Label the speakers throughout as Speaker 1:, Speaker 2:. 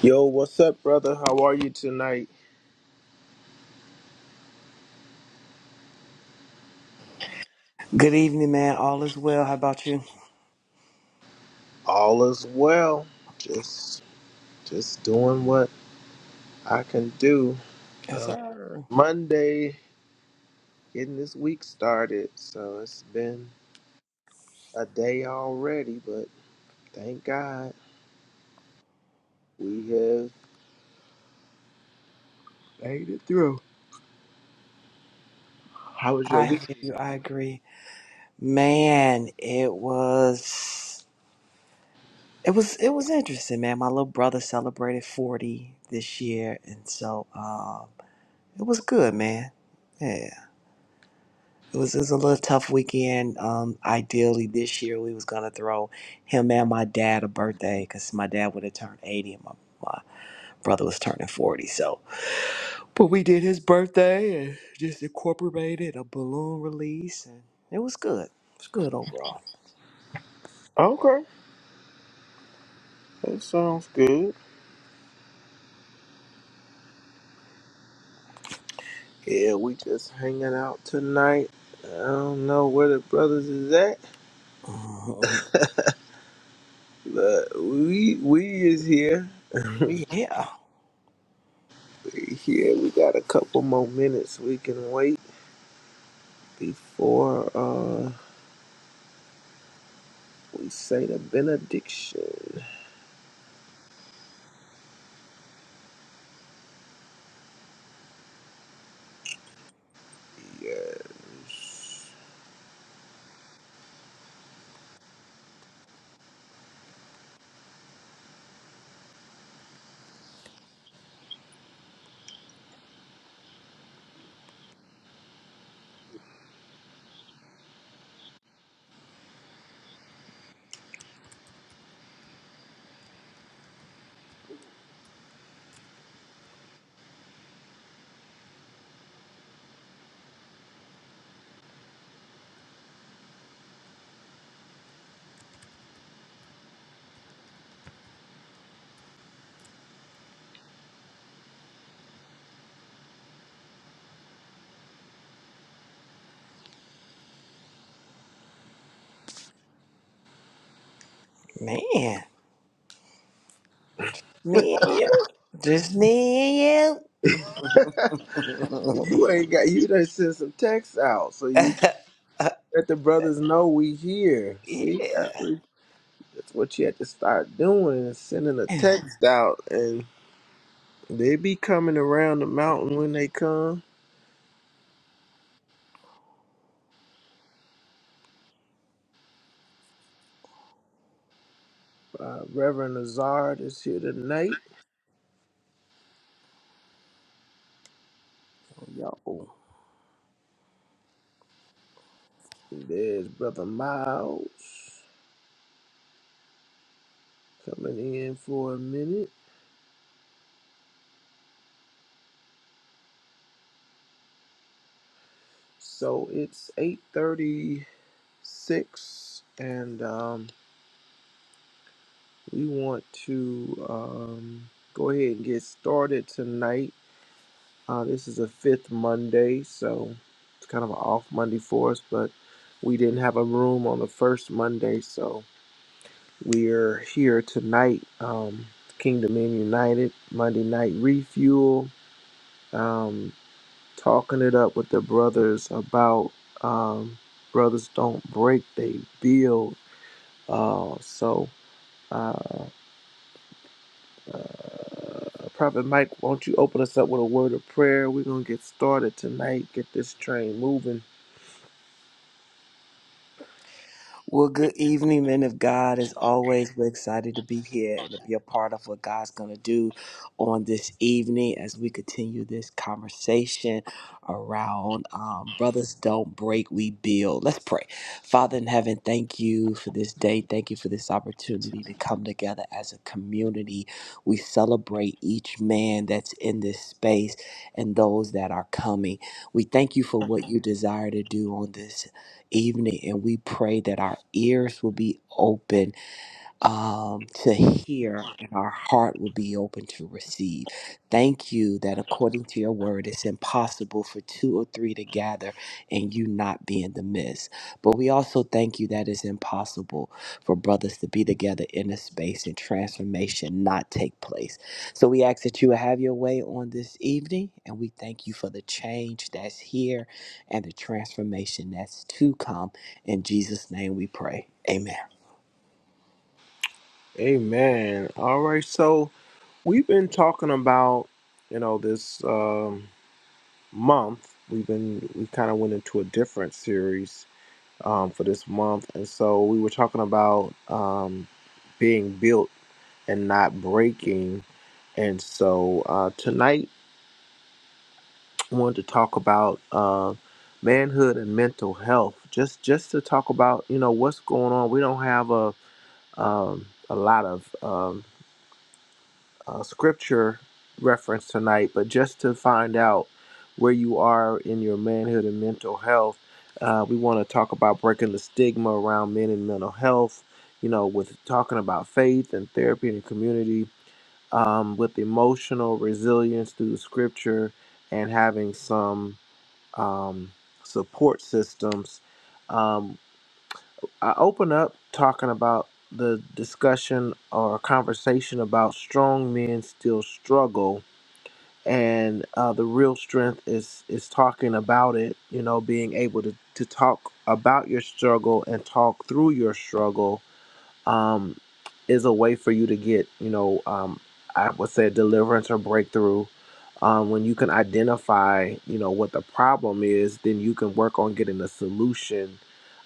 Speaker 1: Yo, what's up, brother? How are you tonight?
Speaker 2: Good evening, man. All is well. How about you?
Speaker 1: All is well. Just, just doing what I can do.
Speaker 2: Yes,
Speaker 1: Uh,
Speaker 2: sir.
Speaker 1: Monday, getting this week started. So it's been a day already, but thank God we have made it through. How was your
Speaker 2: I
Speaker 1: week?
Speaker 2: hear you. I agree. Man, it was it was it was interesting, man. My little brother celebrated 40 this year, and so um it was good, man. Yeah. It was, it was a little tough weekend. Um, ideally, this year we was gonna throw him and my dad a birthday because my dad would have turned 80 and my, my brother was turning 40. So But we did his birthday and just incorporated a balloon release, and it was good. It was good overall.
Speaker 1: Okay, that sounds good. Yeah, we just hanging out tonight. I don't know where the brothers is at,
Speaker 2: Mhm.
Speaker 1: but we we is here.
Speaker 2: Yeah,
Speaker 1: Yeah, we got a couple more minutes we can wait before uh we say the benediction. Yes.
Speaker 2: man, me and you, just me and you.
Speaker 1: You ain't got you done sent some texts out so you can let the brothers know we here. See, that's
Speaker 2: yeah.
Speaker 1: what that's what you had to start doing is sending a text out and they be coming around the mountain when they come. Uh, Reverend Lazard is here tonight.
Speaker 2: Yo.
Speaker 1: There's Brother Miles coming in for a minute. So it's 8:36 and um, we want to um, go ahead and get started tonight. Uh, this is a fifth Monday, so it's kind of an off Monday for us, but we didn't have a room on the first Monday, so we're here tonight. Um, Kingdom in United, Monday Night Refuel, um, talking it up with the brothers about um, brothers don't break, they build Uh, so, uh, Prophet Mike, won't you open us up with a word of prayer? We're going to get started tonight, get this train moving.
Speaker 2: Well, good evening, men of God. As always, we're excited to be here and to be a part of what God's going to do on this evening as we continue this conversation around um, brothers don't break, we build. Let's pray. Father in heaven, thank you for this day. Thank you for this opportunity to come together as a community. We celebrate each man that's in this space and those that are coming. We thank you for what you desire to do on this evening. And we pray that our ears will be open um, to hear and our heart will be open to receive. Thank you that according to your word, it's impossible for two or three to gather and you not be in the midst. But we also thank you that it's impossible for brothers to be together in a space and transformation not take place. So we ask that you will have your way on this evening and we thank you for the change that's here and the transformation that's to come. In Jesus' name we pray. Amen.
Speaker 1: Amen. All right. So, we've been talking about, you know, this um, month. We've been, we kind of went into a different series um, for this month. And so, we were talking about um, being built and not breaking. And so, uh, tonight, wanted to talk about uh, manhood and mental health. Just just to talk about you know what's going on. We don't have a um, a lot of um, uh, scripture reference tonight, but just to find out where you are in your manhood and mental health. Uh, we want to talk about breaking the stigma around men and mental health. You know, with talking about faith and therapy and community, um, with emotional resilience through the scripture, and having some um, support systems. Um, I open up talking about the discussion or conversation about strong men still struggle, and uh, the real strength is is talking about it. You know, being able to to talk about your struggle and talk through your struggle. Um, is a way for you to get, you know, um, I would say deliverance or breakthrough. Um, when you can identify, you know, what the problem is, then you can work on getting a solution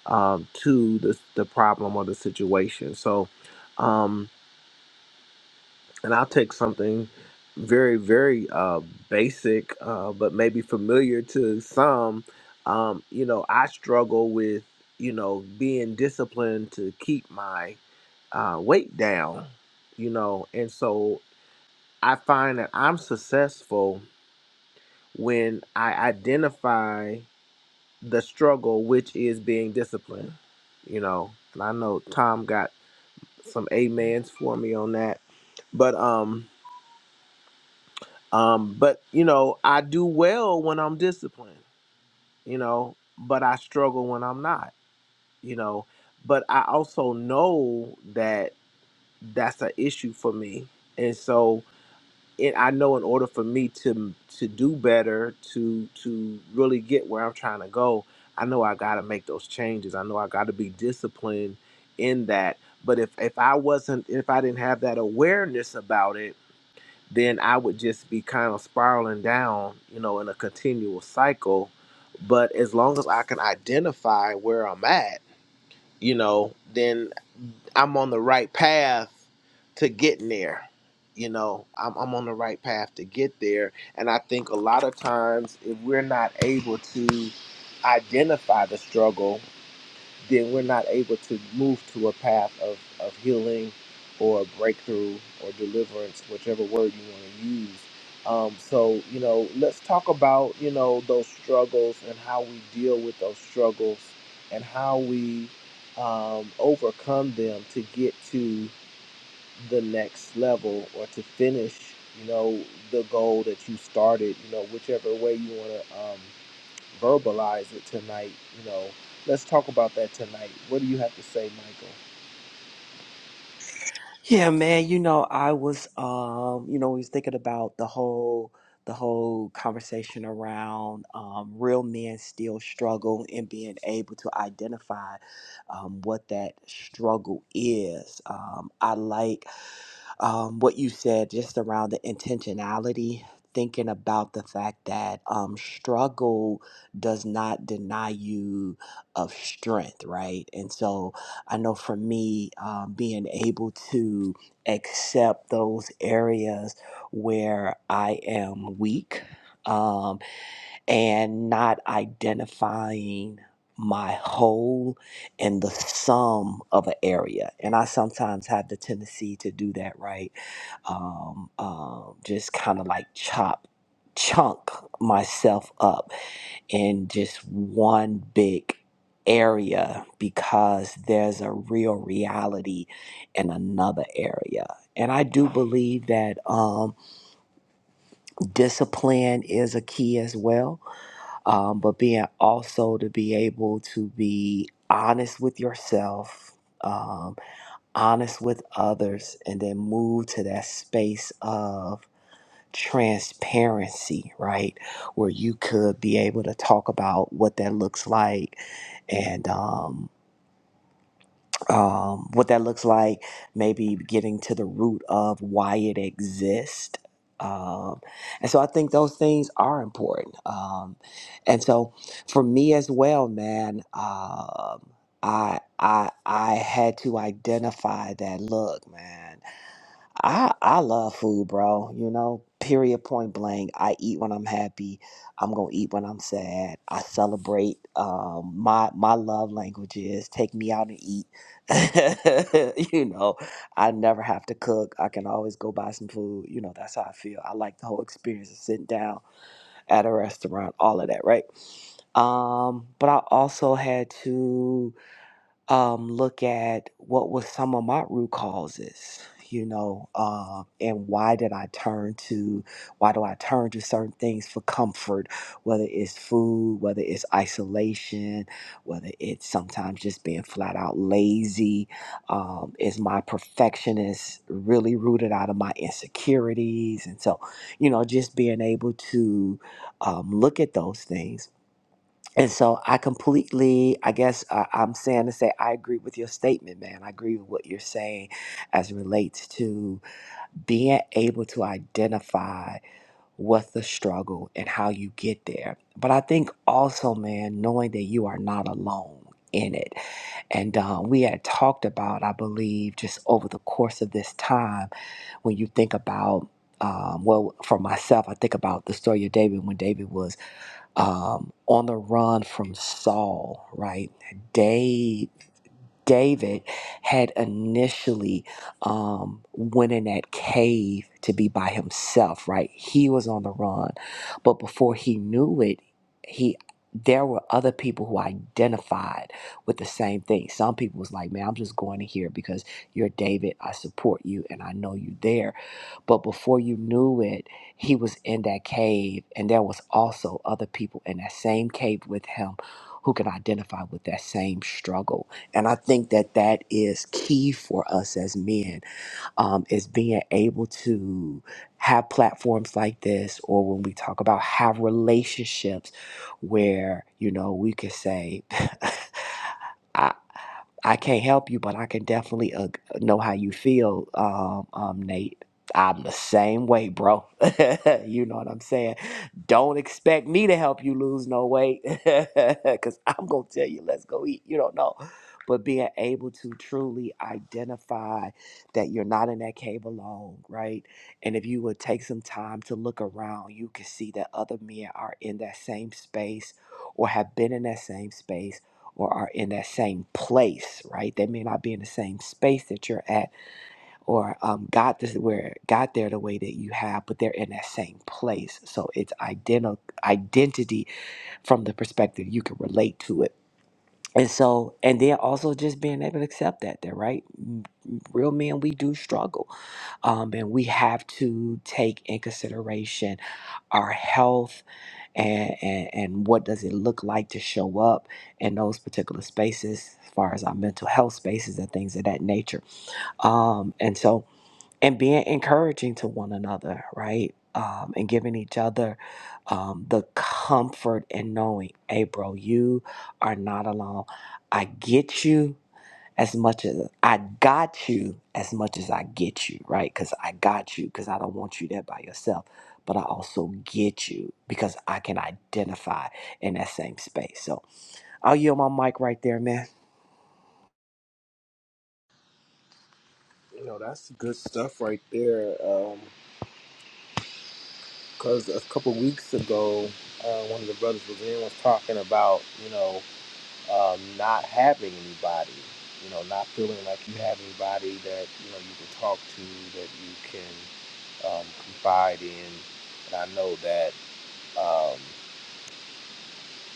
Speaker 1: um, to the, the problem or the situation. So, um, and I'll take something very, very uh, basic, uh, but maybe familiar to some. Um, you know, I struggle with, you know, being disciplined to keep my uh, weight down, you know. And so I find that I'm successful when I identify the struggle, which is being disciplined, you know. And I know Tom got some amens for me on that, but um, um, but you know, I do well when I'm disciplined, you know, but I struggle when I'm not, you know. But I also know that that's an issue for me, and so it I know in order for me to to do better, to to really get where I'm trying to go, I know I got to make those changes. I know I got to be disciplined in that. But if if I wasn't if I didn't have that awareness about it, then I would just be kind of spiraling down, you know, in a continual cycle. But as long as I can identify where I'm at you know, then I'm on the right path to getting there. You know, I'm, I'm on the right path to get there. And I think a lot of times, if we're not able to identify the struggle, then we're not able to move to a path of, of healing or breakthrough or deliverance, whichever word you want to use. Um, so, you know, let's talk about, you know, those struggles and how we deal with those struggles and how we um, overcome them to get to the next level or to finish, you know, the goal that you started, you know, whichever way you want to um, verbalize it tonight. You know, let's talk about that tonight. What do you have to say, Michael?
Speaker 2: Yeah, man, you know, I was um, you know, we was thinking about the whole the whole conversation around um, real men still struggle and being able to identify um, what that struggle is. Um, I like um, what you said just around the intentionality, thinking about the fact that um, struggle does not deny you of strength, right? And so I know for me, um, being able to accept those areas where I am weak. Um, and not identifying my whole and the sum of an area. And I sometimes have the tendency to do that, right? Um, um, just kind of like chop, chunk myself up in just one big area because there's a real reality in another area. And I do believe that um, discipline is a key as well um, but being also to be able to be honest with yourself, um, honest with others, and then move to that space of transparency, right? Where you could be able to talk about what that looks like and, um, um, what that looks like, maybe getting to the root of why it exists. Um, and so I think those things are important. Um, and so for me as well, man, um, I, I, I had to identify that look, man. I I love food, bro. You know, period, point blank. I eat when I'm happy. I'm gonna eat when I'm sad. I celebrate. Um, my my love language is take me out and eat. you know, I never have to cook. I can always go buy some food. You know, that's how I feel. I like the whole experience of sitting down at a restaurant, all of that, right? Um, but I also had to um, look at what was some of my root causes you know uh, and why did i turn to why do i turn to certain things for comfort whether it's food whether it's isolation whether it's sometimes just being flat out lazy um, is my perfectionist really rooted out of my insecurities and so you know just being able to um, look at those things and so I completely, I guess uh, I'm saying to say, I agree with your statement, man. I agree with what you're saying as it relates to being able to identify what's the struggle and how you get there. But I think also, man, knowing that you are not alone in it. And um, we had talked about, I believe, just over the course of this time, when you think about, um, well, for myself, I think about the story of David when David was um, on the run from Saul, right? Dave, David had initially um, went in that cave to be by himself, right? He was on the run, but before he knew it, he there were other people who identified with the same thing. Some people was like, "Man, I'm just going in here because you're David. I support you, and I know you there." But before you knew it, he was in that cave, and there was also other people in that same cave with him who can identify with that same struggle. And I think that that is key for us as men um, is being able to have platforms like this, or when we talk about have relationships where you know we could say. I can't help you, but I can definitely uh, know how you feel, um, um, Nate. I'm the same way, bro. you know what I'm saying? Don't expect me to help you lose no weight because I'm going to tell you, let's go eat. You don't know. But being able to truly identify that you're not in that cave alone, right? And if you would take some time to look around, you can see that other men are in that same space or have been in that same space or are in that same place, right? They may not be in the same space that you're at, or um, got this where got there the way that you have, but they're in that same place. So it's identi- identity from the perspective you can relate to it. And so, and then also just being able to accept that, that right, M- real men we do struggle, um, and we have to take in consideration our health and, and and what does it look like to show up in those particular spaces as far as our mental health spaces and things of that nature um and so and being encouraging to one another right um, and giving each other um, the comfort and knowing, hey, bro, you are not alone. I get you as much as I got you, as much as I get you, right? Because I got you, because I don't want you there by yourself. But I also get you because I can identify in that same space. So I'll yield my mic right there, man.
Speaker 1: You know, that's good stuff right there. Because um, a couple weeks ago, uh, one of the brothers was in was talking about you know um, not having anybody. You know, not feeling like you have anybody that you know you can talk to that you can um, confide in. And I know that. Um,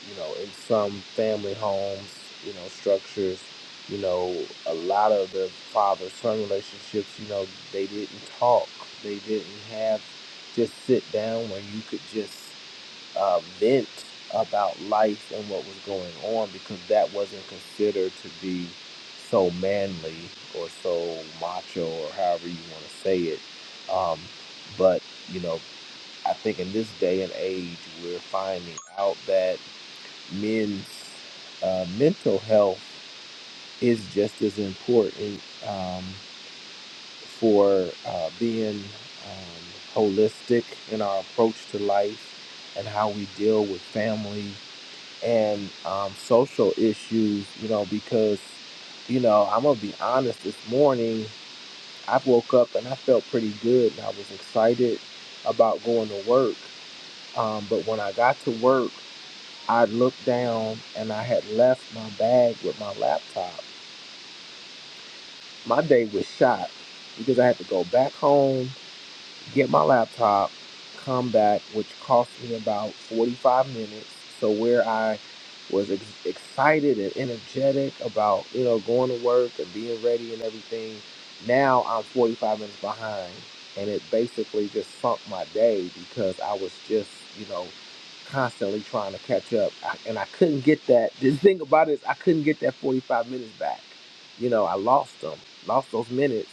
Speaker 1: you know, in some family homes, you know, structures, you know, a lot of the father son relationships, you know, they didn't talk. They didn't have just sit down where you could just uh, vent about life and what was going on because that wasn't considered to be so manly or so macho or however you want to say it. Um, but, you know, I think in this day and age, we're finding out that men's uh, mental health is just as important um, for uh, being um, holistic in our approach to life and how we deal with family and um, social issues, you know, because, you know, I'm going to be honest, this morning I woke up and I felt pretty good and I was excited about going to work. Um, but when I got to work, I looked down and I had left my bag with my laptop. My day was shot because I had to go back home get my laptop, come back, which cost me about 45 minutes. So where I was ex- excited and energetic about you know going to work and being ready and everything, now I'm 45 minutes behind, and it basically just sunk my day because I was just you know constantly trying to catch up, I, and I couldn't get that. The thing about it is I couldn't get that 45 minutes back. You know, I lost them, lost those minutes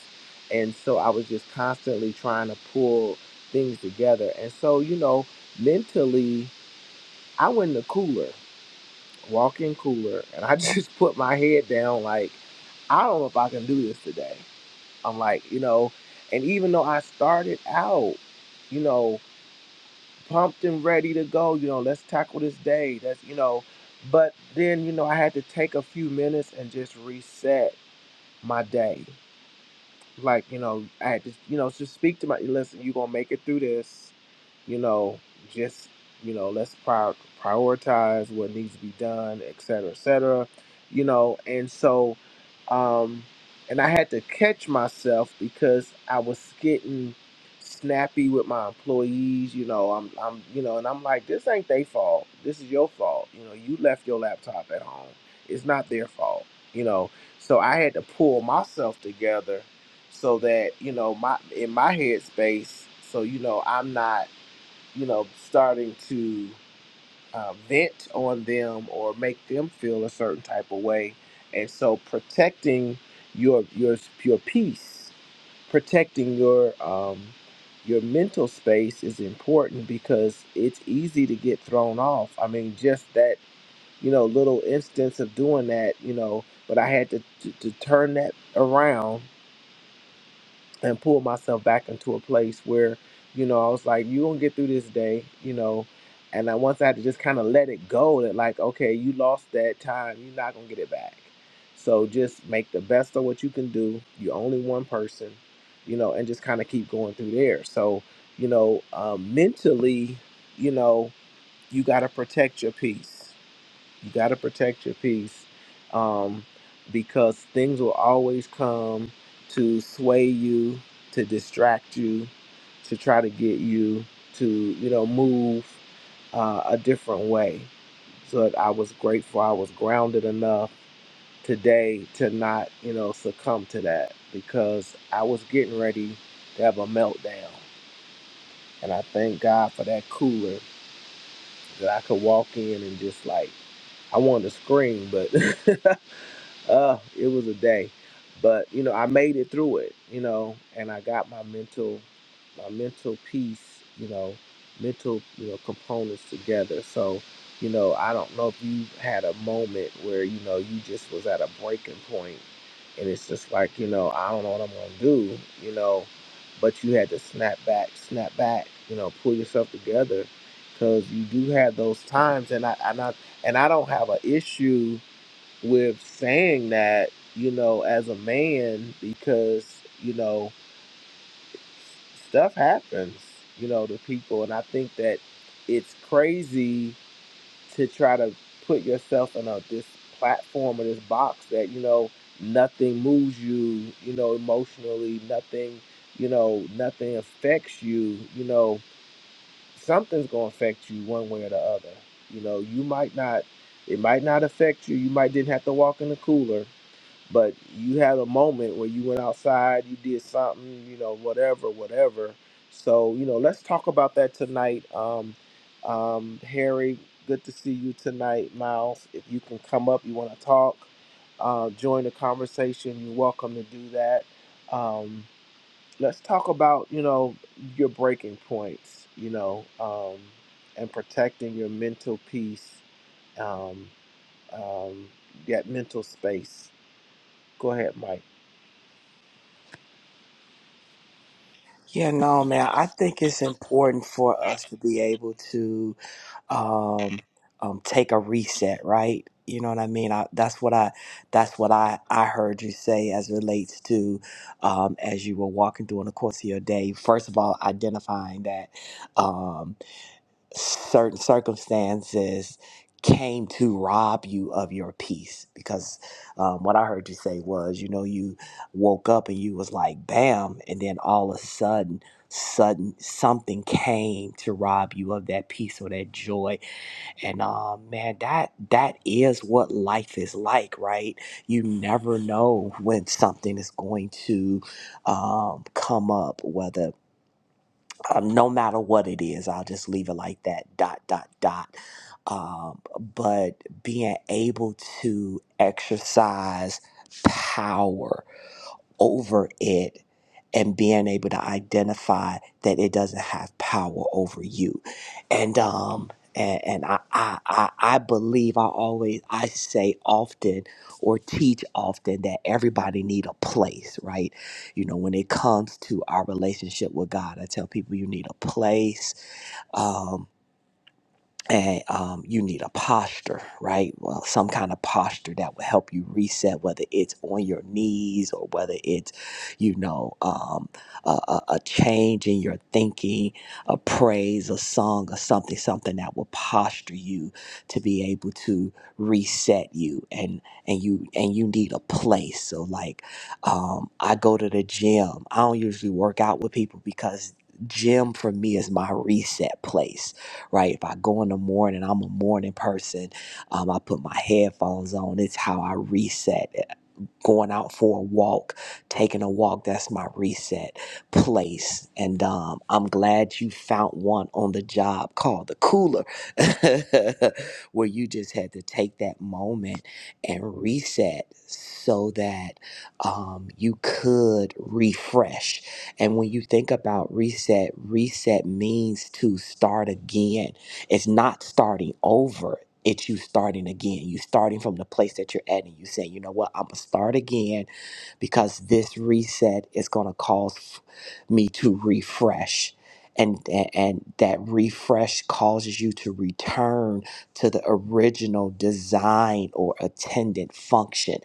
Speaker 1: and so I was just constantly trying to pull things together. And so, you know, mentally, I went in the cooler, walk-in cooler, and I just put my head down, like, I don't know if I can do this today. I'm like, you know, and even though I started out, you know, pumped and ready to go, you know, let's tackle this day. That's, you know, but then, you know, I had to take a few minutes and just reset my day like you know i had to you know just speak to my listen you're gonna make it through this you know just you know let's prior, prioritize what needs to be done et cetera et cetera you know and so um and i had to catch myself because i was getting snappy with my employees you know i'm i'm you know and i'm like this ain't their fault this is your fault you know you left your laptop at home it's not their fault you know so i had to pull myself together so that you know my in my headspace, so you know I'm not you know starting to uh, vent on them or make them feel a certain type of way, and so protecting your your your peace, protecting your um, your mental space is important because it's easy to get thrown off. I mean, just that you know little instance of doing that, you know, but I had to to, to turn that around and pull myself back into a place where, you know, I was like, you gonna get through this day, you know. And I once I had to just kind of let it go that like, okay, you lost that time, you're not gonna get it back. So just make the best of what you can do. You're only one person, you know, and just kind of keep going through there. So, you know, um, mentally, you know, you gotta protect your peace you got to protect your peace um, because things will always come to sway you, to distract you, to try to get you to, you know, move uh, a different way. So I was grateful I was grounded enough today to not, you know, succumb to that because I was getting ready to have a meltdown. And I thank God for that cooler that I could walk in and just like I wanted to scream, but uh, it was a day, but you know, I made it through it, you know, and I got my mental, my mental piece, you know, mental, you know, components together. So, you know, I don't know if you had a moment where you know you just was at a breaking point, and it's just like you know, I don't know what I'm gonna do, you know, but you had to snap back, snap back, you know, pull yourself together, because you do have those times, and I and I and I don't have an issue with saying that, you know, as a man, because, you know, stuff happens, you know, to people. And I think that it's crazy to try to put yourself in a this platform or this box that, you know, nothing moves you, you know, emotionally, nothing, you know, nothing affects you, you know, something's gonna affect you one way or the other. You know, you might not it might not affect you. You might didn't have to walk in the cooler, but you had a moment where you went outside, you did something, you know, whatever, whatever. So, you know, let's talk about that tonight. Um, um, Harry, good to see you tonight. Miles, if you can come up, you want to talk, uh, join the conversation, you're welcome to do that. Um, let's talk about, you know, your breaking points, you know, um, and protecting your mental peace, um, um, that mental space. Go ahead, Mike.
Speaker 2: Yeah, no, man. I think it's important for us to be able to um, um, take a reset, right? You know what I mean? I, that's what I that's what I I heard you say as relates to um, as you were walking through in the course of your day. First of all, identifying that um, certain circumstances came to rob you of your peace because um, what i heard you say was you know you woke up and you was like bam and then all of a sudden sudden something came to rob you of that peace or that joy and um, man, that that is what life is like, right? You never know when something is going to um, come up, whether um, no matter what it is. I'll just leave it like that. Dot dot dot. Um, but being able to exercise power over it and being able to identify that it doesn't have power over you. And um and, and I, I I I believe I always I say often or teach often that everybody need a place, right? You know, when it comes to our relationship with God, I tell people you need a place. um and um, you need a posture, right? Well, some kind of posture that will help you reset, whether it's on your knees or whether it's, you know, um, a, a, a change in your thinking, a praise, a song, or something, something that will posture you to be able to reset you, and and you and you need a place. So, like, um, I go to the gym. I don't usually work out with people because gym for me is my reset place right? If I go in the morning, I'm a morning person. Um, I put my headphones on. It's how I reset going out for a walk, taking a walk. That's my reset place. And um, I'm glad you found one on the job called the cooler, where you just had to take that moment and reset so that um, you could refresh. And when you think about reset, reset means to start again, it's not starting over it's you starting again. You starting from the place that you're at, and you say, you know what, I'm gonna start again because this reset is gonna cause me to refresh. And, and and that refresh causes you to return to the original design or attendant function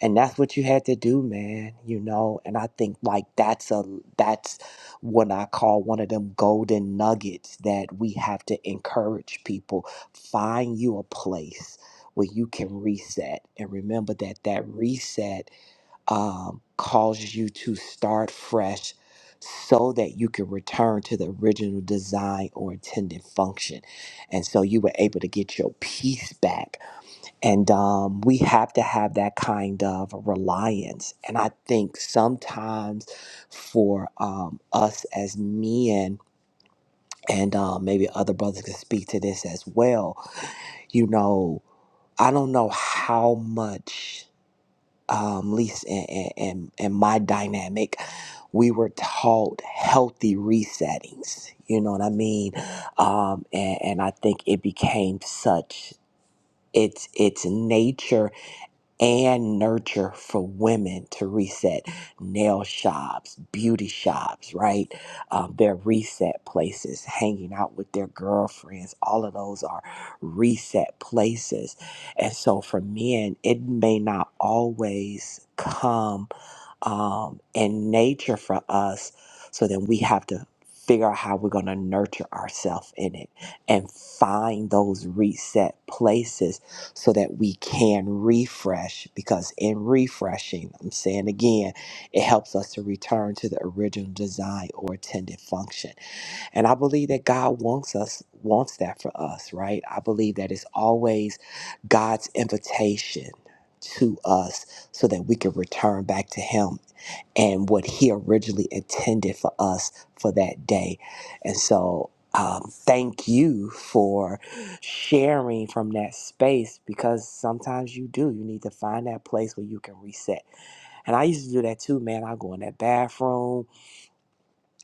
Speaker 2: and that's what you had to do man you know and i think like that's a that's what i call one of them golden nuggets that we have to encourage people find you a place where you can reset and remember that that reset um, calls you to start fresh so that you can return to the original design or intended function and so you were able to get your peace back and um, we have to have that kind of reliance and i think sometimes for um, us as men and uh, maybe other brothers can speak to this as well you know I don't know how much um, Lisa and, and, and and my dynamic, we were taught healthy resettings. You know what I mean? Um, and, and I think it became such its its nature and nurture for women to reset nail shops, beauty shops, right? Um, their reset places, hanging out with their girlfriends, all of those are reset places. And so for men, it may not always come um, and nature for us. So then we have to figure out how we're going to nurture ourselves in it and find those reset places so that we can refresh. Because in refreshing, I'm saying again, it helps us to return to the original design or intended function. And I believe that God wants us, wants that for us, right? I believe that it's always God's invitation to us so that we can return back to Him and what He originally intended for us for that day. And so, um, thank you for sharing from that space because sometimes you do. You need to find that place where you can reset. And I used to do that too, man. I go in that bathroom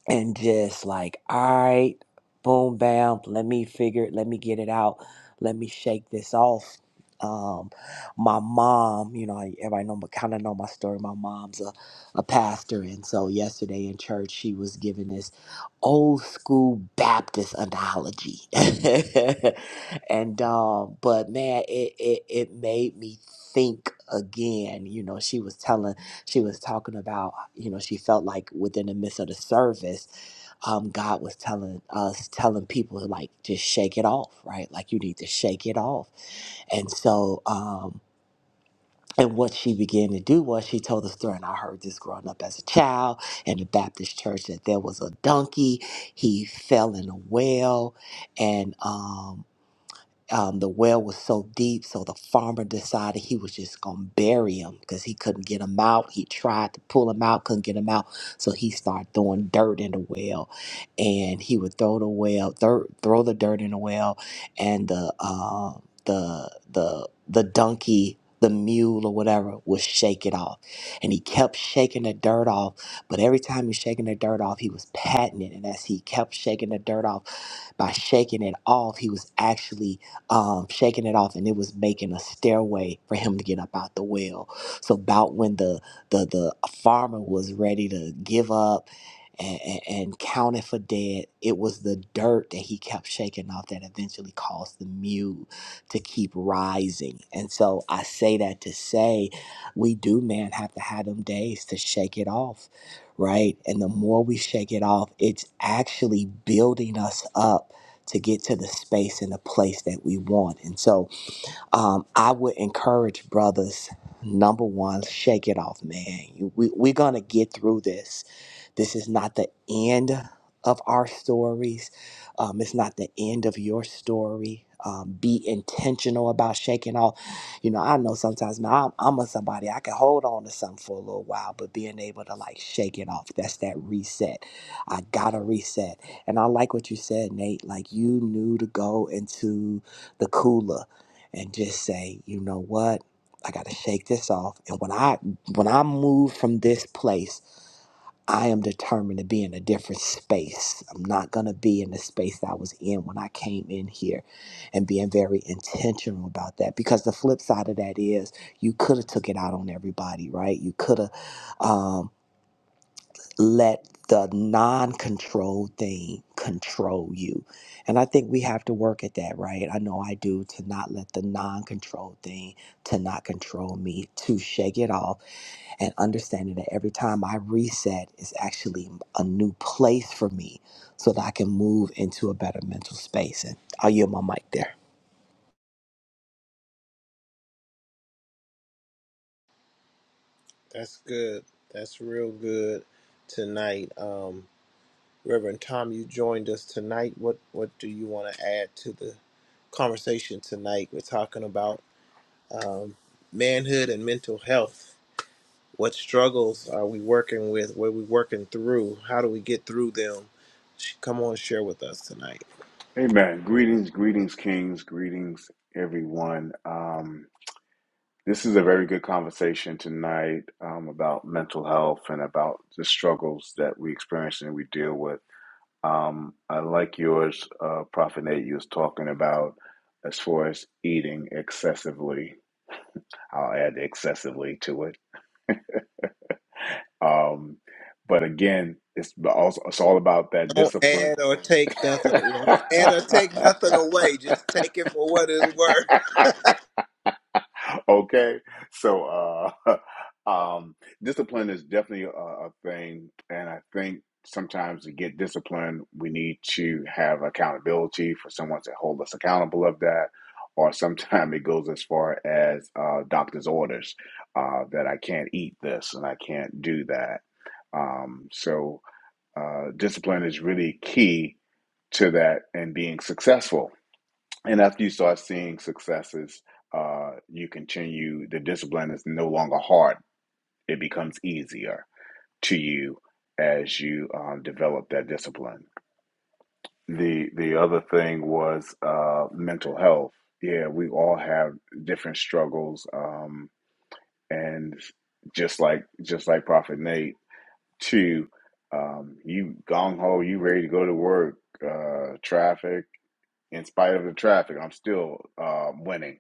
Speaker 2: and just like, all right, boom, bam, let me figure it, let me get it out, let me shake this off. Um, my mom, you know, I- everybody know, kind of know my story. My mom's a, a pastor, and so yesterday in church, she was giving this old school Baptist analogy, and um, but man, it, it it made me think again. You know, she was telling she was talking about, you know, she felt like within the midst of the service, um, God was telling us, telling people to like just shake it off, right? Like you need to shake it off. And so, um, and what she began to do was she told the story, and I heard this growing up as a child in the Baptist church that there was a donkey, he fell in a well, and um, um, the well was so deep, so the farmer decided he was just gonna bury him because he couldn't get him out. He tried to pull him out, couldn't get him out, so he started throwing dirt in the well, and he would throw the well, thir- throw the dirt in the well, and the uh, the the the donkey. The mule or whatever would shake it off. And he kept shaking the dirt off. But every time he was shaking the dirt off, he was patting it. And as he kept shaking the dirt off, by shaking it off, he was actually um, shaking it off, and it was making a stairway for him to get up out the well. So about when the the the farmer was ready to give up and, and, and counted for dead, it was the dirt that he kept shaking off that eventually caused the mule to keep rising. And so I say that to say, we do, man, have to have them days to shake it off, right? And the more we shake it off, it's actually building us up to get to the space and the place that we want. And so um, I would encourage brothers, number one, shake it off, man. You- We, we're going to get through this this is not the end of our stories. Um, it's not the end of your story. Um, be intentional about shaking off. You know, I know sometimes man, I'm, I'm a somebody I can hold on to something for a little while, but being able to like shake it off, that's that reset. I gotta reset. And I like what you said, Nate. Like you knew to go into the cooler and just say, you know what? I gotta shake this off. And when I when I move from this place, I am determined to be in a different space. I'm not going to be in the space that I was in when I came in here and being very intentional about that because the flip side of that is you could have took it out on everybody, right? You could have um, let the non control thing control you. And I think we have to work at that, right? I know I do to not let the non control thing to not control me, to shake it off and understanding that every time I reset is actually a new place for me so that I can move into a better mental space. And I'll yield my mic there.
Speaker 1: That's good. That's real good tonight. Um, Reverend Tom, you joined us tonight. What what do you want to add to the conversation tonight? We're talking about um, manhood and mental health. What struggles are we working with? What are we working through? How do we get through them? Sh- Come on, share with us tonight.
Speaker 3: Amen. Greetings, greetings, kings, greetings, everyone. Um, this is a very good conversation tonight um, about mental health and about the struggles that we experience and we deal with. Um, I like yours, uh, Prophet Nate, you was talking about as far as eating excessively. I'll add excessively to it. Um, but again, it's also, it's all about that
Speaker 1: Don't
Speaker 3: discipline.
Speaker 1: add or take nothing. You don't add or take nothing away. Just take it for what it's worth.
Speaker 3: Okay, so uh, um, discipline is definitely a, a thing, and I think sometimes to get discipline, we need to have accountability for someone to hold us accountable of that. Or sometimes it goes as far as uh, doctor's orders uh, that I can't eat this and I can't do that. Um, so uh, discipline is really key to that and being successful and after you start seeing successes, uh, you continue, the discipline is no longer hard. It becomes easier to you as you um, develop that discipline. The, the other thing was uh, mental health. Yeah, we all have different struggles. Um, and just like, just like Prophet Nate, too, um, you gong ho, you ready to go to work, uh, traffic, in spite of the traffic, I'm still um, winning.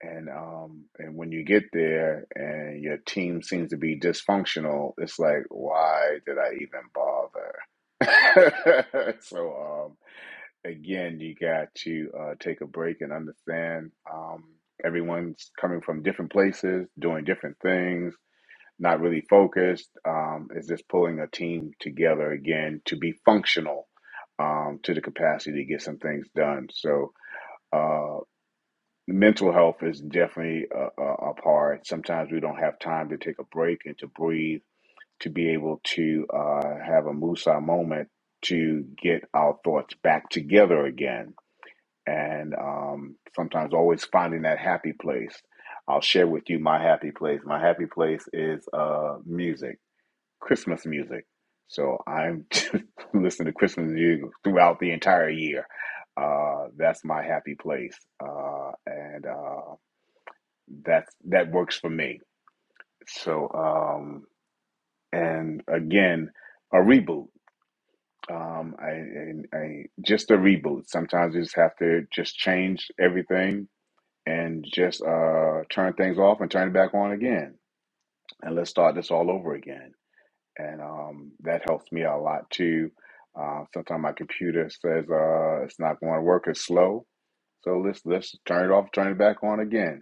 Speaker 3: And um, and when you get there and your team seems to be dysfunctional, it's like, why did I even bother? so um, again, you got to uh, take a break and understand um, everyone's coming from different places, doing different things, not really focused. Um, it's just pulling a team together again to be functional um, to the capacity to get some things done. So uh, mental health is definitely a, a, a part. Sometimes we don't have time to take a break and to breathe, to be able to uh, have a Musa moment to get our thoughts back together again. And um, sometimes always finding that happy place. I'll share with you my happy place. My happy place is uh, music. Christmas music. So I'm listening to Christmas music throughout the entire year. Uh, that's my happy place, uh, and uh, that's that works for me. So um, and again, a reboot. Um, I, I, I just a reboot. Sometimes you just have to just change everything and just uh, turn things off and turn it back on again, and let's start this all over again and um, that helps me out a lot too. Uh, sometimes my computer says uh, it's not going to work; it's slow. So let's let's turn it off, turn it back on again.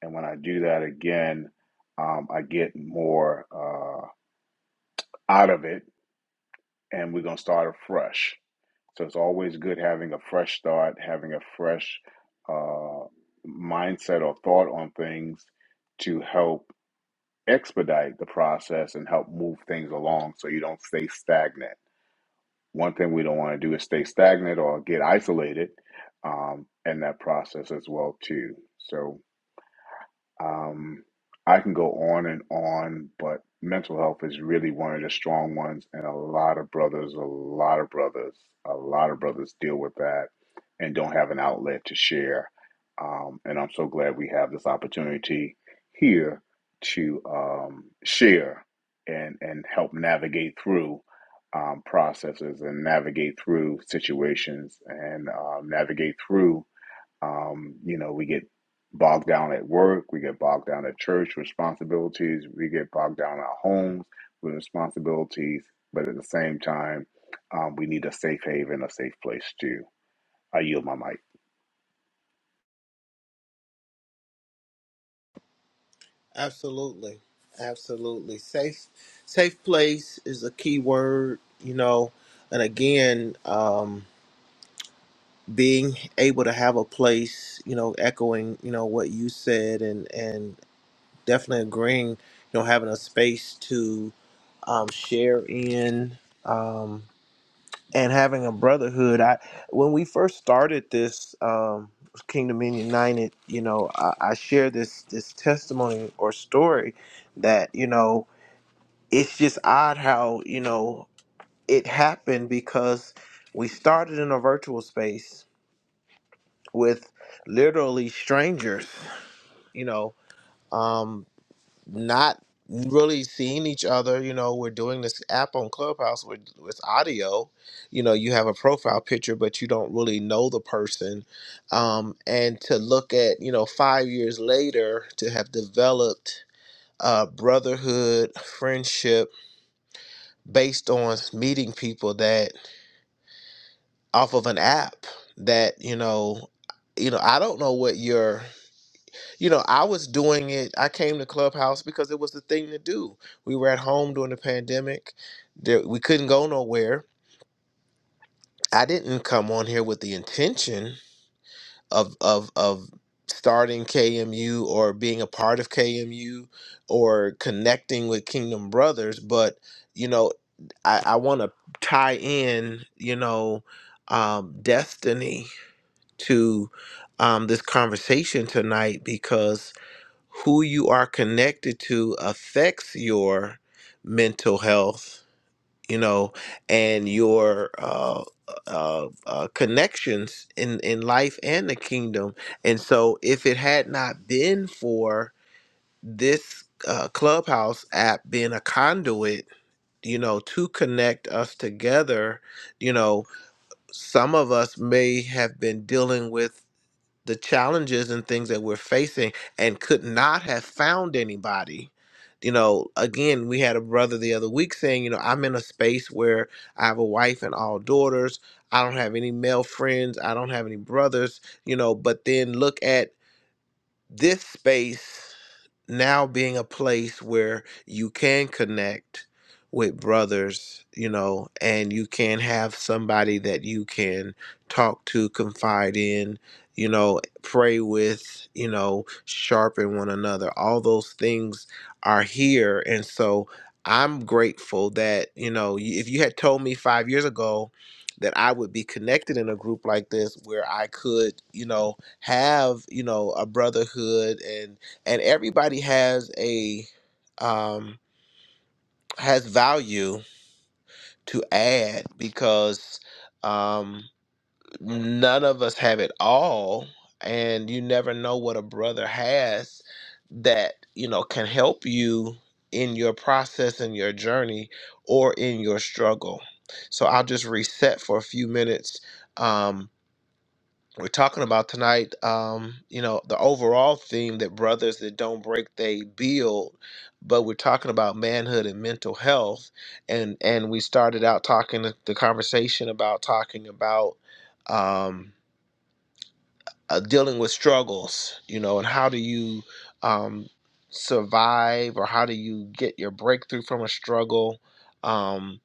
Speaker 3: And when I do that again, um, I get more uh, out of it, and we're gonna start afresh. So it's always good having a fresh start, having a fresh uh, mindset or thought on things to help expedite the process and help move things along, so you don't stay stagnant One thing we don't want to do is stay stagnant or get isolated um, in that process as well too. So um, I can go on and on, but mental health is really one of the strong ones, and a lot of brothers, a lot of brothers, a lot of brothers deal with that and don't have an outlet to share. Um, and I'm so glad we have this opportunity here to um, share and and help navigate through um, processes and navigate through situations and um, navigate through um, you know, we get bogged down at work, we get bogged down at church responsibilities, we get bogged down in our homes with responsibilities, but at the same time, um, we need a safe haven, a safe place too. I yield my mic.
Speaker 1: Absolutely. Absolutely. Safe safe place is a key word, you know. And again, um being able to have a place, you know, echoing, you know, what you said and and definitely agreeing, you know, having a space to um share in um and having a brotherhood. I when we first started this um Kingdom Men United, you know, I, I share this this testimony or story that, you know, it's just odd how you know it happened because we started in a virtual space with literally strangers you know um not really seeing each other you know we're doing this app on clubhouse with with audio you know you have a profile picture but you don't really know the person um and to look at you know five years later to have developed uh brotherhood friendship based on meeting people that off of an app that you know you know i don't know what your you know i was doing it i came to clubhouse because it was the thing to do we were at home during the pandemic there, we couldn't go nowhere i didn't come on here with the intention of of of starting kmu or being a part of kmu or connecting with kingdom brothers but you know. I, I want to tie in, you know, um, destiny to um, this conversation tonight because who you are connected to affects your mental health, you know, and your uh, uh, uh, connections in, in life and the kingdom. And so, if it had not been for this uh, clubhouse app being a conduit, you know, to connect us together. You know, some of us may have been dealing with the challenges and things that we're facing and could not have found anybody. You know, again, we had a brother the other week saying, you know, I'm in a space where I have a wife and all daughters. I don't have any male friends. I don't have any brothers, you know, but then look at this space now being a place where you can connect with brothers, you know, and you can have somebody that you can talk to, confide in, you know, pray with, you know, sharpen one another. All those things are here. And so I'm grateful that, you know, y- if you had told me five years ago that I would be connected in a group like this where I could, you know, have you know a brotherhood and and everybody has a um has value to add because um none of us have it all and you never know what a brother has that you know can help you in your process and your journey or in your struggle so i'll just reset for a few minutes um we're talking about tonight um you know the overall theme that brothers that don't break they build but we're talking about manhood and mental health and and we started out talking the conversation about talking about um uh, dealing with struggles you know and how do you um survive or how do you get your breakthrough from a struggle um,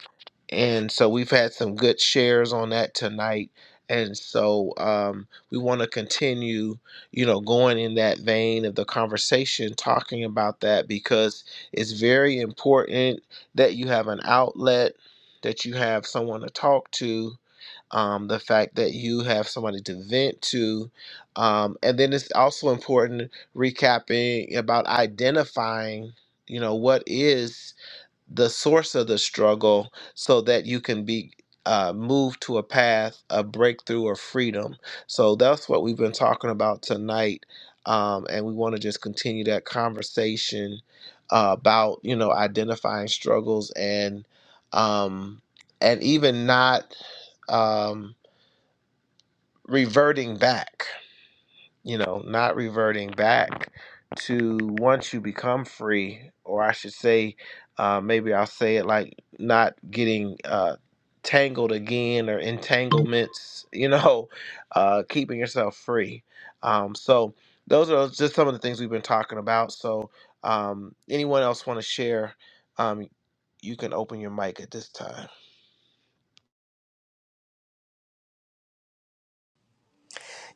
Speaker 1: and so we've had some good shares on that tonight and so um, we want to continue you know going in that vein of the conversation talking about that because it's very important that you have an outlet that you have someone to talk to um, the fact that you have somebody to vent to um, and then it's also important recapping about identifying you know what is the source of the struggle so that you can be uh, moved to a path of breakthrough or freedom. So that's what we've been talking about tonight. Um, and we want to just continue that conversation uh, about, you know, identifying struggles and, um, and even not um, reverting back you know, not reverting back to once you become free, or I should say, uh, maybe I'll say it like not getting uh, tangled again or entanglements, you know, uh, keeping yourself free. Um, so those are just some of the things we've been talking about. So um, anyone else want to share? Um, you can open your mic at this time.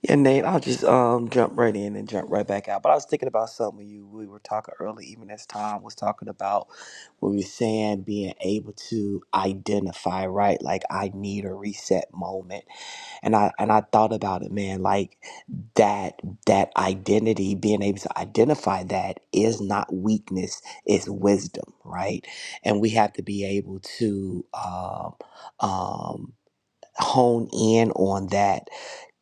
Speaker 2: Yeah, Nate, I'll just um jump right in and jump right back out. But I was thinking about something you we were talking early, even as Tom was talking about when we were saying being able to identify, right? Like I need a reset moment. And I and I thought about it, man, like that that identity, being able to identify that is not weakness, it's wisdom, right? And we have to be able to um um hone in on that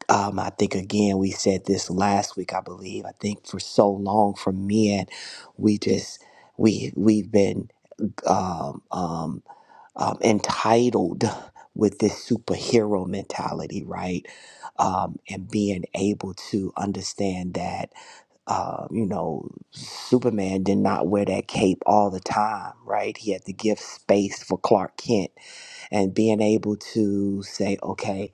Speaker 2: um, I think again, we said this last week, I believe. I think for so long, for men, we just we we've been um, um, um, entitled with this superhero mentality, right? Um, and being able to understand that, uh, you know, Superman did not wear that cape all the time, right? He had to give space for Clark Kent, and being able to say, okay.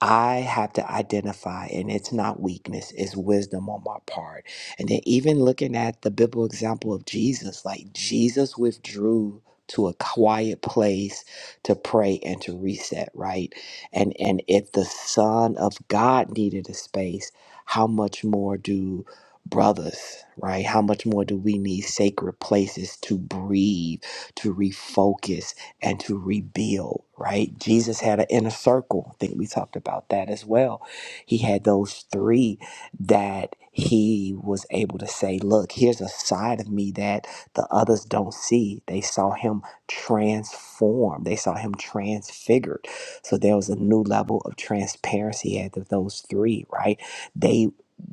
Speaker 2: I have to identify, and it's not weakness, it's wisdom on my part. And then, even looking at the biblical example of Jesus, like Jesus withdrew to a quiet place to pray and to reset, right? And and if the Son of God needed a space, how much more do brothers, right? How much more do we need sacred places to breathe, to refocus? and to rebuild, right? Jesus had an inner circle. I think we talked about that as well. He had those three that he was able to say, Look, here's a side of me that the others don't see. They saw him transformed, they saw him transfigured. So there was a new level of transparency at those three, right? They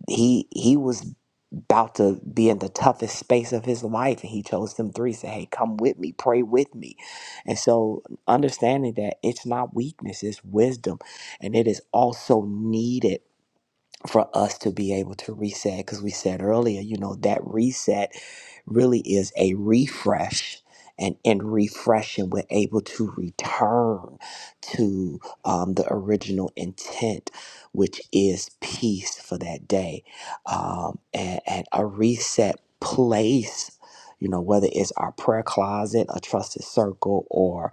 Speaker 2: he he was about to be in the toughest space of his life and he chose them three said hey come with me pray with me and so understanding that it's not weakness it's wisdom and it is also needed for us to be able to reset because we said earlier you know that reset really is a refresh and in refreshing we're able to return to um, the original intent which is peace for that day um, and, and a reset place you know whether it's our prayer closet a trusted circle or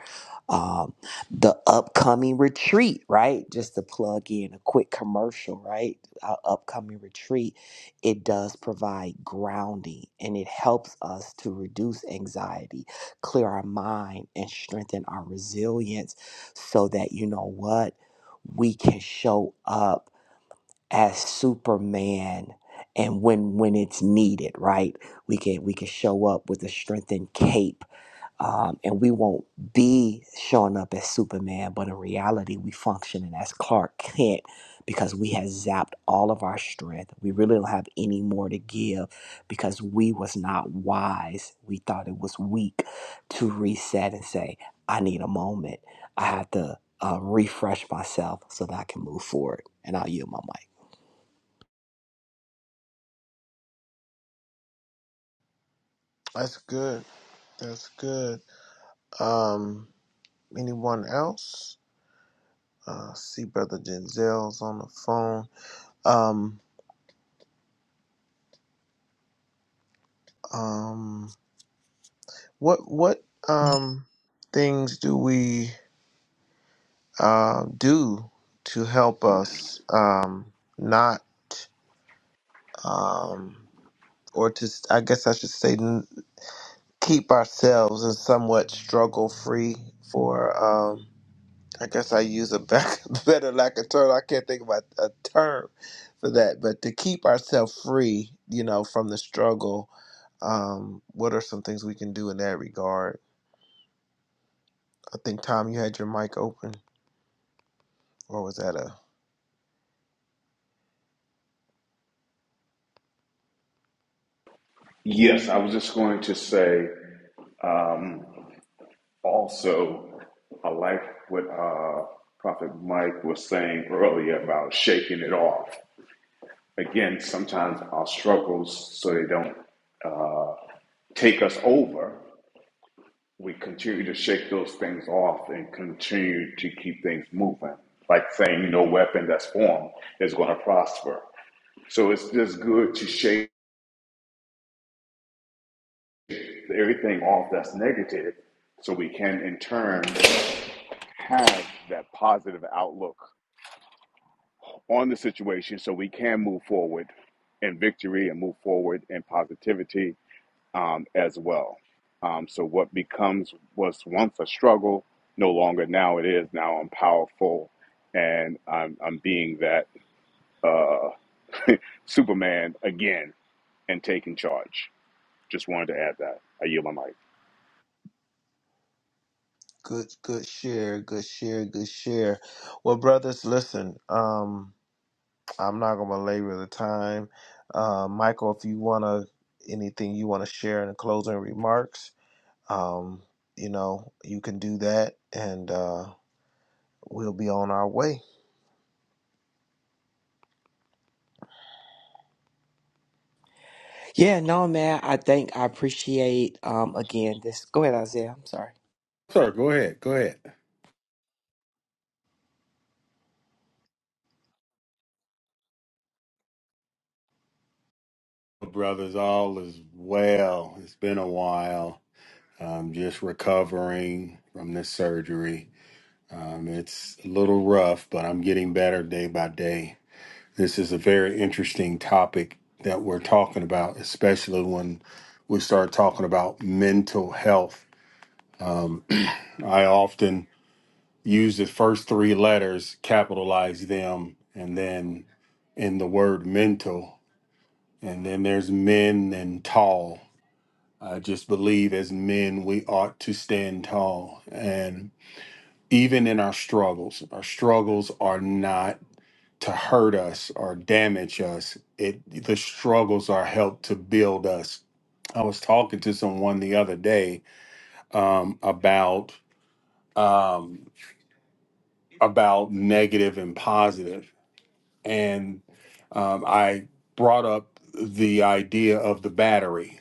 Speaker 2: um, the upcoming retreat right just to plug in a quick commercial right our upcoming retreat, it does provide grounding and it helps us to reduce anxiety, clear our mind, and strengthen our resilience so that you know what? We can show up as Superman and when when it's needed, right? We can we can show up with a strengthened cape um, and we won't be showing up as Superman, but in reality, we functioning as Clark Kent because we have zapped all of our strength. We really don't have any more to give because we was not wise. We thought it was weak to reset and say, "I need a moment. I have to uh, refresh myself so that I can move forward." And I'll yield my mic.
Speaker 1: That's good. That's good. Um, anyone else? Uh, see, brother Denzel's on the phone. Um, um, what what um things do we uh, do to help us um not um or to s- I guess I should say n- keep ourselves and somewhat struggle free for um, I guess I use a back, better like a term. I can't think about a term for that, but to keep ourselves free, you know, from the struggle, um, what are some things we can do in that regard? I think Tom, you had your mic open, or was that a
Speaker 3: Yes, I was just going to say um, also, I like what uh, Prophet Mike was saying earlier about shaking it off. Again, sometimes our struggles, so they don't uh, take us over, we continue to shake those things off and continue to keep things moving. Like saying no weapon that's formed is going to prosper. So it's just good to shake everything off that's negative so we can in turn have that positive outlook on the situation so we can move forward in victory and move forward in positivity um, as well. Um, so what becomes was once a struggle, no longer now it is. Now I'm powerful, and I'm I'm being that uh, Superman again and taking charge. Just wanted to add that. I yield my mic.
Speaker 1: good, good share, good share, good share? Well, brothers, listen, um, I'm not gonna belabor the time. Uh, Michael, if you wanna anything you wanna share in the closing remarks, um, you know, you can do that and uh, we'll be on our way.
Speaker 2: Yeah, no, man. I think I appreciate um again this. Go ahead, Isaiah. I'm sorry.
Speaker 4: Sir, go ahead. Go ahead. Brothers, all is well. It's been a while. I'm just recovering from this surgery. Um, it's a little rough, but I'm getting better day by day. This is a very interesting topic that we're talking about, especially when we start talking about mental health. I often use the first three letters, capitalize them, and then in the word mental. And then there's men and tall. I just believe as men, we ought to stand tall. And even in our struggles, our struggles are not to hurt us or damage us. It the struggles are help to build us. I was talking to someone the other day um, about um, about negative and positive, and um, I brought up the idea of the battery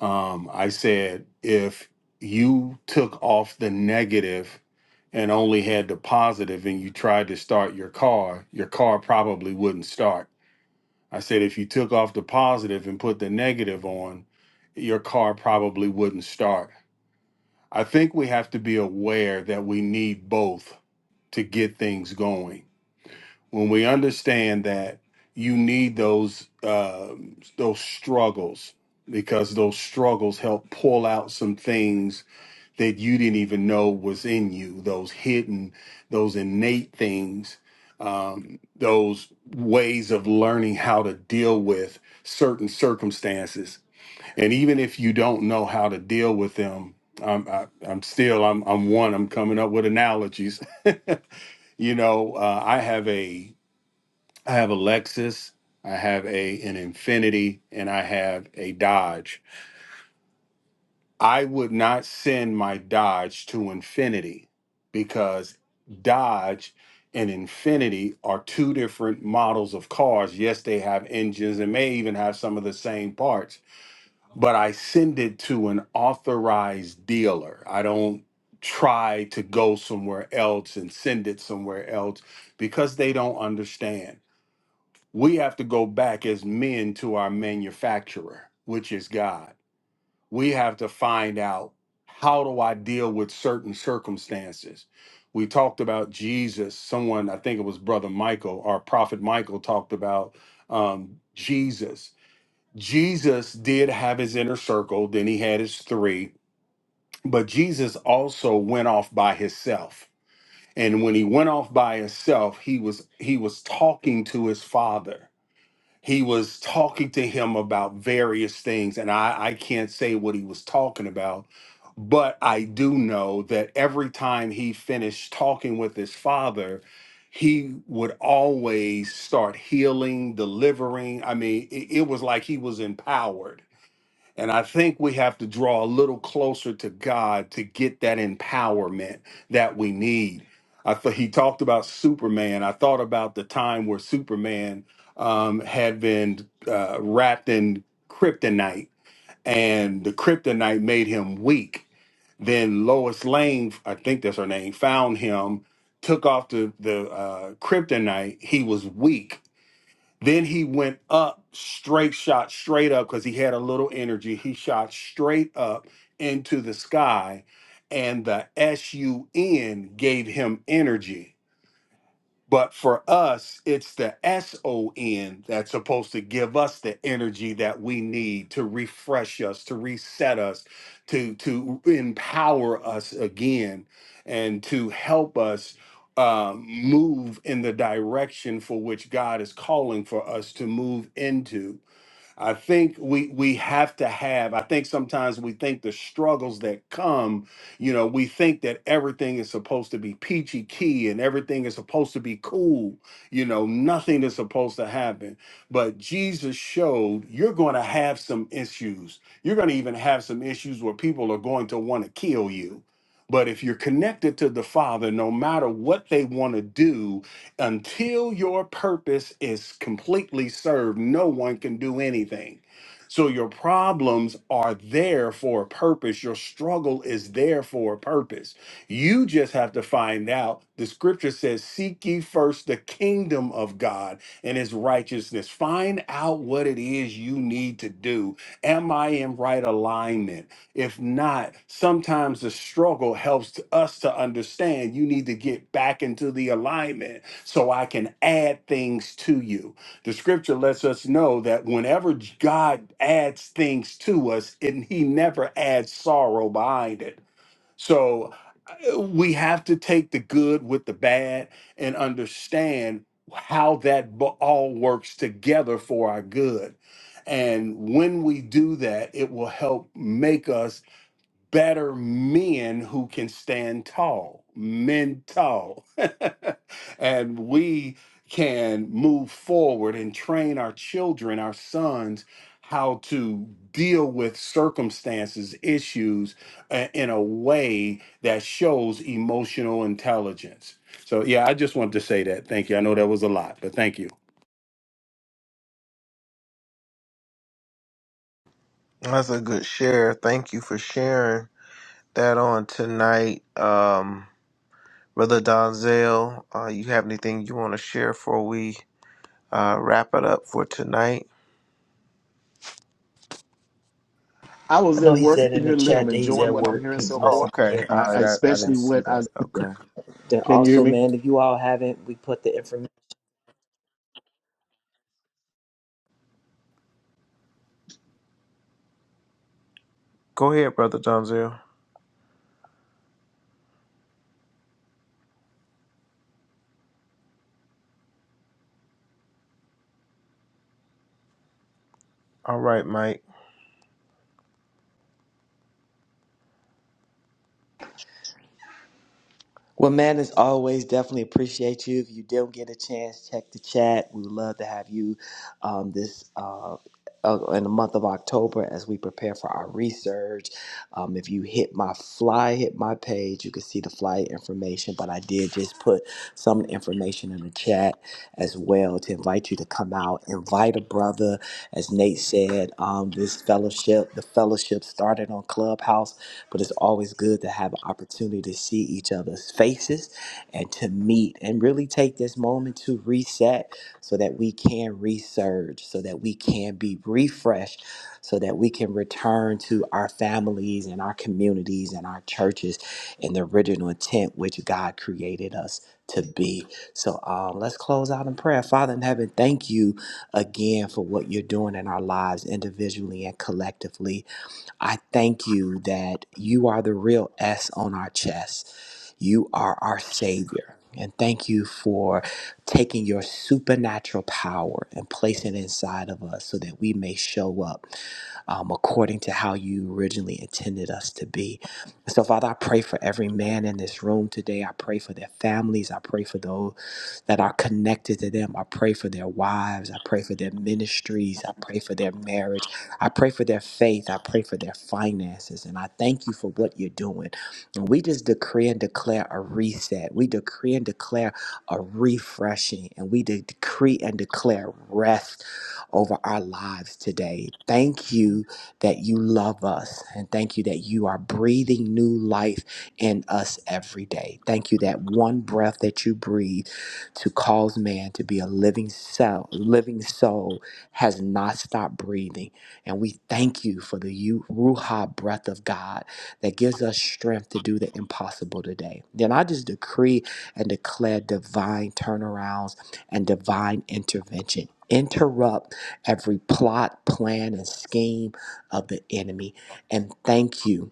Speaker 4: Um, I said, if you took off the negative and only had the positive and you tried to start your car, your car probably wouldn't start. I said, if you took off the positive and put the negative on, your car probably wouldn't start. I think we have to be aware that we need both to get things going when we understand that you need those uh, those struggles because those struggles help pull out some things that you didn't even know was in you those hidden those innate things um, those ways of learning how to deal with certain circumstances and even if you don't know how to deal with them i'm I, i'm still i'm i'm one i'm coming up with analogies you know uh, i have a I have a Lexus, I have a an Infinity, and I have a Dodge. I would not send my Dodge to Infinity because Dodge and Infinity are two different models of cars. Yes, they have engines and may even have some of the same parts, but I send it to an authorized dealer. I don't try to go somewhere else and send it somewhere else because they don't understand we have to go back as men to our manufacturer, which is God. We have to find out how do I deal with certain circumstances. We talked about Jesus. Someone, I think it was Brother Michael or Prophet Michael, talked about um, Jesus. Jesus did have his inner circle, then he had his three, but Jesus also went off by himself. And when he went off by himself, he was he was talking to his father he was talking to him about various things, and I, I can't say what he was talking about, but I do know that every time he finished talking with his father, he would always start healing, delivering. I mean, it, it was like he was empowered and I think we have to draw a little closer to God to get that empowerment that we need. I thought he talked about Superman. I thought about the time where Superman um, had been uh, wrapped in kryptonite, and the kryptonite made him weak. Then Lois Lane, I think that's her name, found him, took off the the uh, kryptonite. He was weak, then he went up straight shot straight up because he had a little energy. He shot straight up into the sky, and the S U N gave him energy. But for us, it's the S O N that's supposed to give us the energy that we need to refresh us, to reset us, to to empower us again, and to help us um, move in the direction for which God is calling for us to move into. I think we we have to have. I think sometimes we think the struggles that come, you know, we think that everything is supposed to be peachy key and everything is supposed to be cool. You know, nothing is supposed to happen. But Jesus showed you're going to have some issues. You're going to even have some issues where people are going to want to kill you. But if you're connected to the Father, no matter what they want to do, until your purpose is completely served, no one can do anything. So your problems are there for a purpose. Your struggle is there for a purpose. You just have to find out. The scripture says, Seek ye first the kingdom of God and his righteousness. Find out what it is you need to do. Am I in right alignment? If not, sometimes the struggle helps us to understand you need to get back into the alignment so I can add things to you. The scripture lets us know that whenever God adds things to us, and He never adds sorrow behind it. So uh, we have to take the good with the bad and understand how that bo- all works together for our good. And when we do that, it will help make us better men who can stand tall, men tall. and we can move forward and train our children, our sons, how to deal with circumstances, issues uh, in a way that shows emotional intelligence. So, yeah, I just wanted to say that. Thank you. I know that was a lot, but thank you.
Speaker 1: That's a good share. Thank you for sharing that on tonight. Um, Brother Donzel, uh, you have anything you want to share before we uh, wrap it up for tonight?
Speaker 5: I
Speaker 2: I
Speaker 5: was
Speaker 2: know
Speaker 5: at
Speaker 2: he
Speaker 5: work
Speaker 2: said
Speaker 5: in
Speaker 2: in the
Speaker 5: here. I'm
Speaker 2: chat that he's
Speaker 5: enjoying
Speaker 2: at
Speaker 5: what I'm
Speaker 2: work.
Speaker 5: hearing
Speaker 2: He's
Speaker 5: so
Speaker 1: Oh,
Speaker 5: far,
Speaker 2: listening.
Speaker 1: okay.
Speaker 2: Yeah.
Speaker 1: All
Speaker 5: uh,
Speaker 1: right. I, I didn't
Speaker 5: especially
Speaker 1: see
Speaker 5: what I
Speaker 1: that.
Speaker 2: Yeah.
Speaker 1: Okay.
Speaker 2: Then
Speaker 5: can you hear
Speaker 2: also,
Speaker 5: me?
Speaker 2: man, if you all haven't, we put the information.
Speaker 1: Go ahead, Brother Donzel. All right, Mike.
Speaker 2: Well, man, as always, definitely appreciate you. If you don't get a chance, check the chat. We would love to have you um, this uh, uh, in the month of October as we prepare for our research. Um, if you hit my fly, hit my page, you can see the flight information. But I did just put some information in the chat as well to invite you to come out, invite a brother. As Nate said, um, this fellowship, the fellowship started on Clubhouse but it's always good to have an opportunity to see each other's faces and to meet and really take this moment to reset so that we can resurge, so that we can be refreshed, so that we can return to our families and our communities and our churches in the original intent which God created us to be. So um, let's close out in prayer. Father in heaven, thank you again for what you're doing in our lives individually and collectively. I thank you that you are the real S on our chest. You are our Savior. And thank you for taking your supernatural power and placing it inside of us so that we may show up um, according to how you originally intended us to be. And so, Father, I pray for every man in this room today. I pray for their families. I pray for those that are connected to them. I pray for their wives. I pray for their ministries. I pray for their marriage. I pray for their faith. I pray for their finances. And I thank you for what you're doing. And we just decree and declare a reset. We decree and declare a refreshing. And we de- decree and declare rest over our lives today. Thank you that you love us. And thank you that you are breathing new life in us every day. Thank you that one breath that you breathe to cause man to be a living cell, living soul has not stopped breathing. And we thank you for the you- Ruha breath of God that gives us strength to do the impossible today. Then I just decree and declare divine turnarounds and divine intervention. Interrupt every plot, plan, and scheme of the enemy. And thank you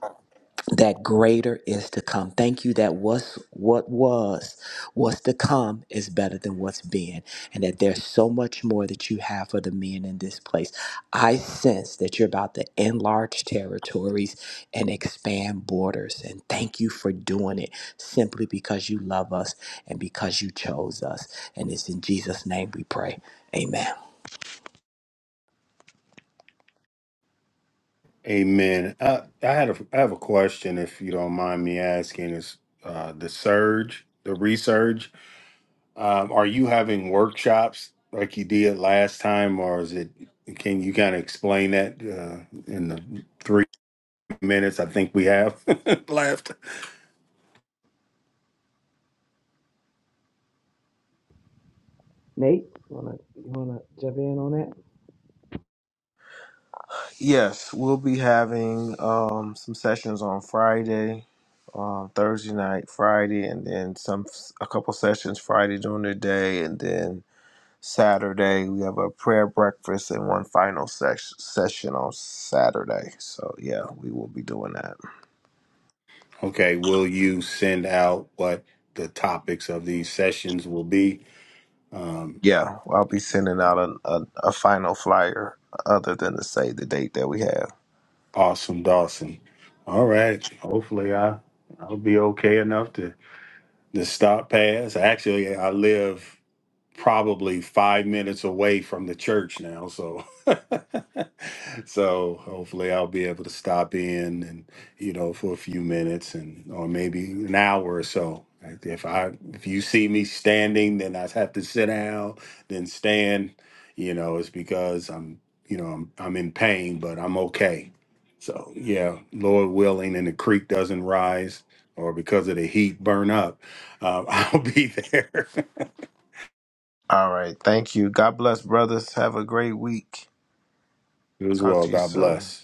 Speaker 2: that greater is to come. Thank you that what's what was, what's to come is better than what's been, and that there's so much more that you have for the men in this place. I sense that you're about to enlarge territories and expand borders, and thank you for doing it simply because you love us and because you chose us. And it's in Jesus' name we pray. Amen.
Speaker 4: Amen. Uh, I had a, I have a question, if you don't mind me asking. Is uh, the surge, the resurge? Um, are you having workshops like you did last time, or is it? Can you kind of explain that uh, in the three minutes I think we have left?
Speaker 2: Nate.
Speaker 1: Yes, we'll be having um, some sessions on Friday, um, Thursday night, Friday, and then some a couple sessions Friday during the day, and then Saturday we have a prayer breakfast and one final sesh- session on Saturday. So yeah, we will be doing that.
Speaker 4: Okay, will you send out what the topics of these sessions will be? Um,
Speaker 1: Yeah, I'll be sending out a, a, a final flyer other than to say the date that we have.
Speaker 4: awesome, Dawson. All right. Hopefully, I I'll be okay enough to to stop past. Actually, I live. probably five minutes away from the church now. So, so hopefully I'll be able to stop in and you know for a few minutes and or maybe an hour or so. Like, If I if you see me standing, then I have to sit down, then stand. You know, it's because I'm you know I'm I'm in pain, but I'm okay. So yeah, Lord willing, and the creek doesn't rise, or because of the heat, burn up. Uh, I'll be there.
Speaker 1: All right, thank you. God bless, brothers. Have a great week.
Speaker 4: You as
Speaker 1: Talk
Speaker 4: well.
Speaker 1: to you
Speaker 4: God
Speaker 1: soon.
Speaker 4: bless.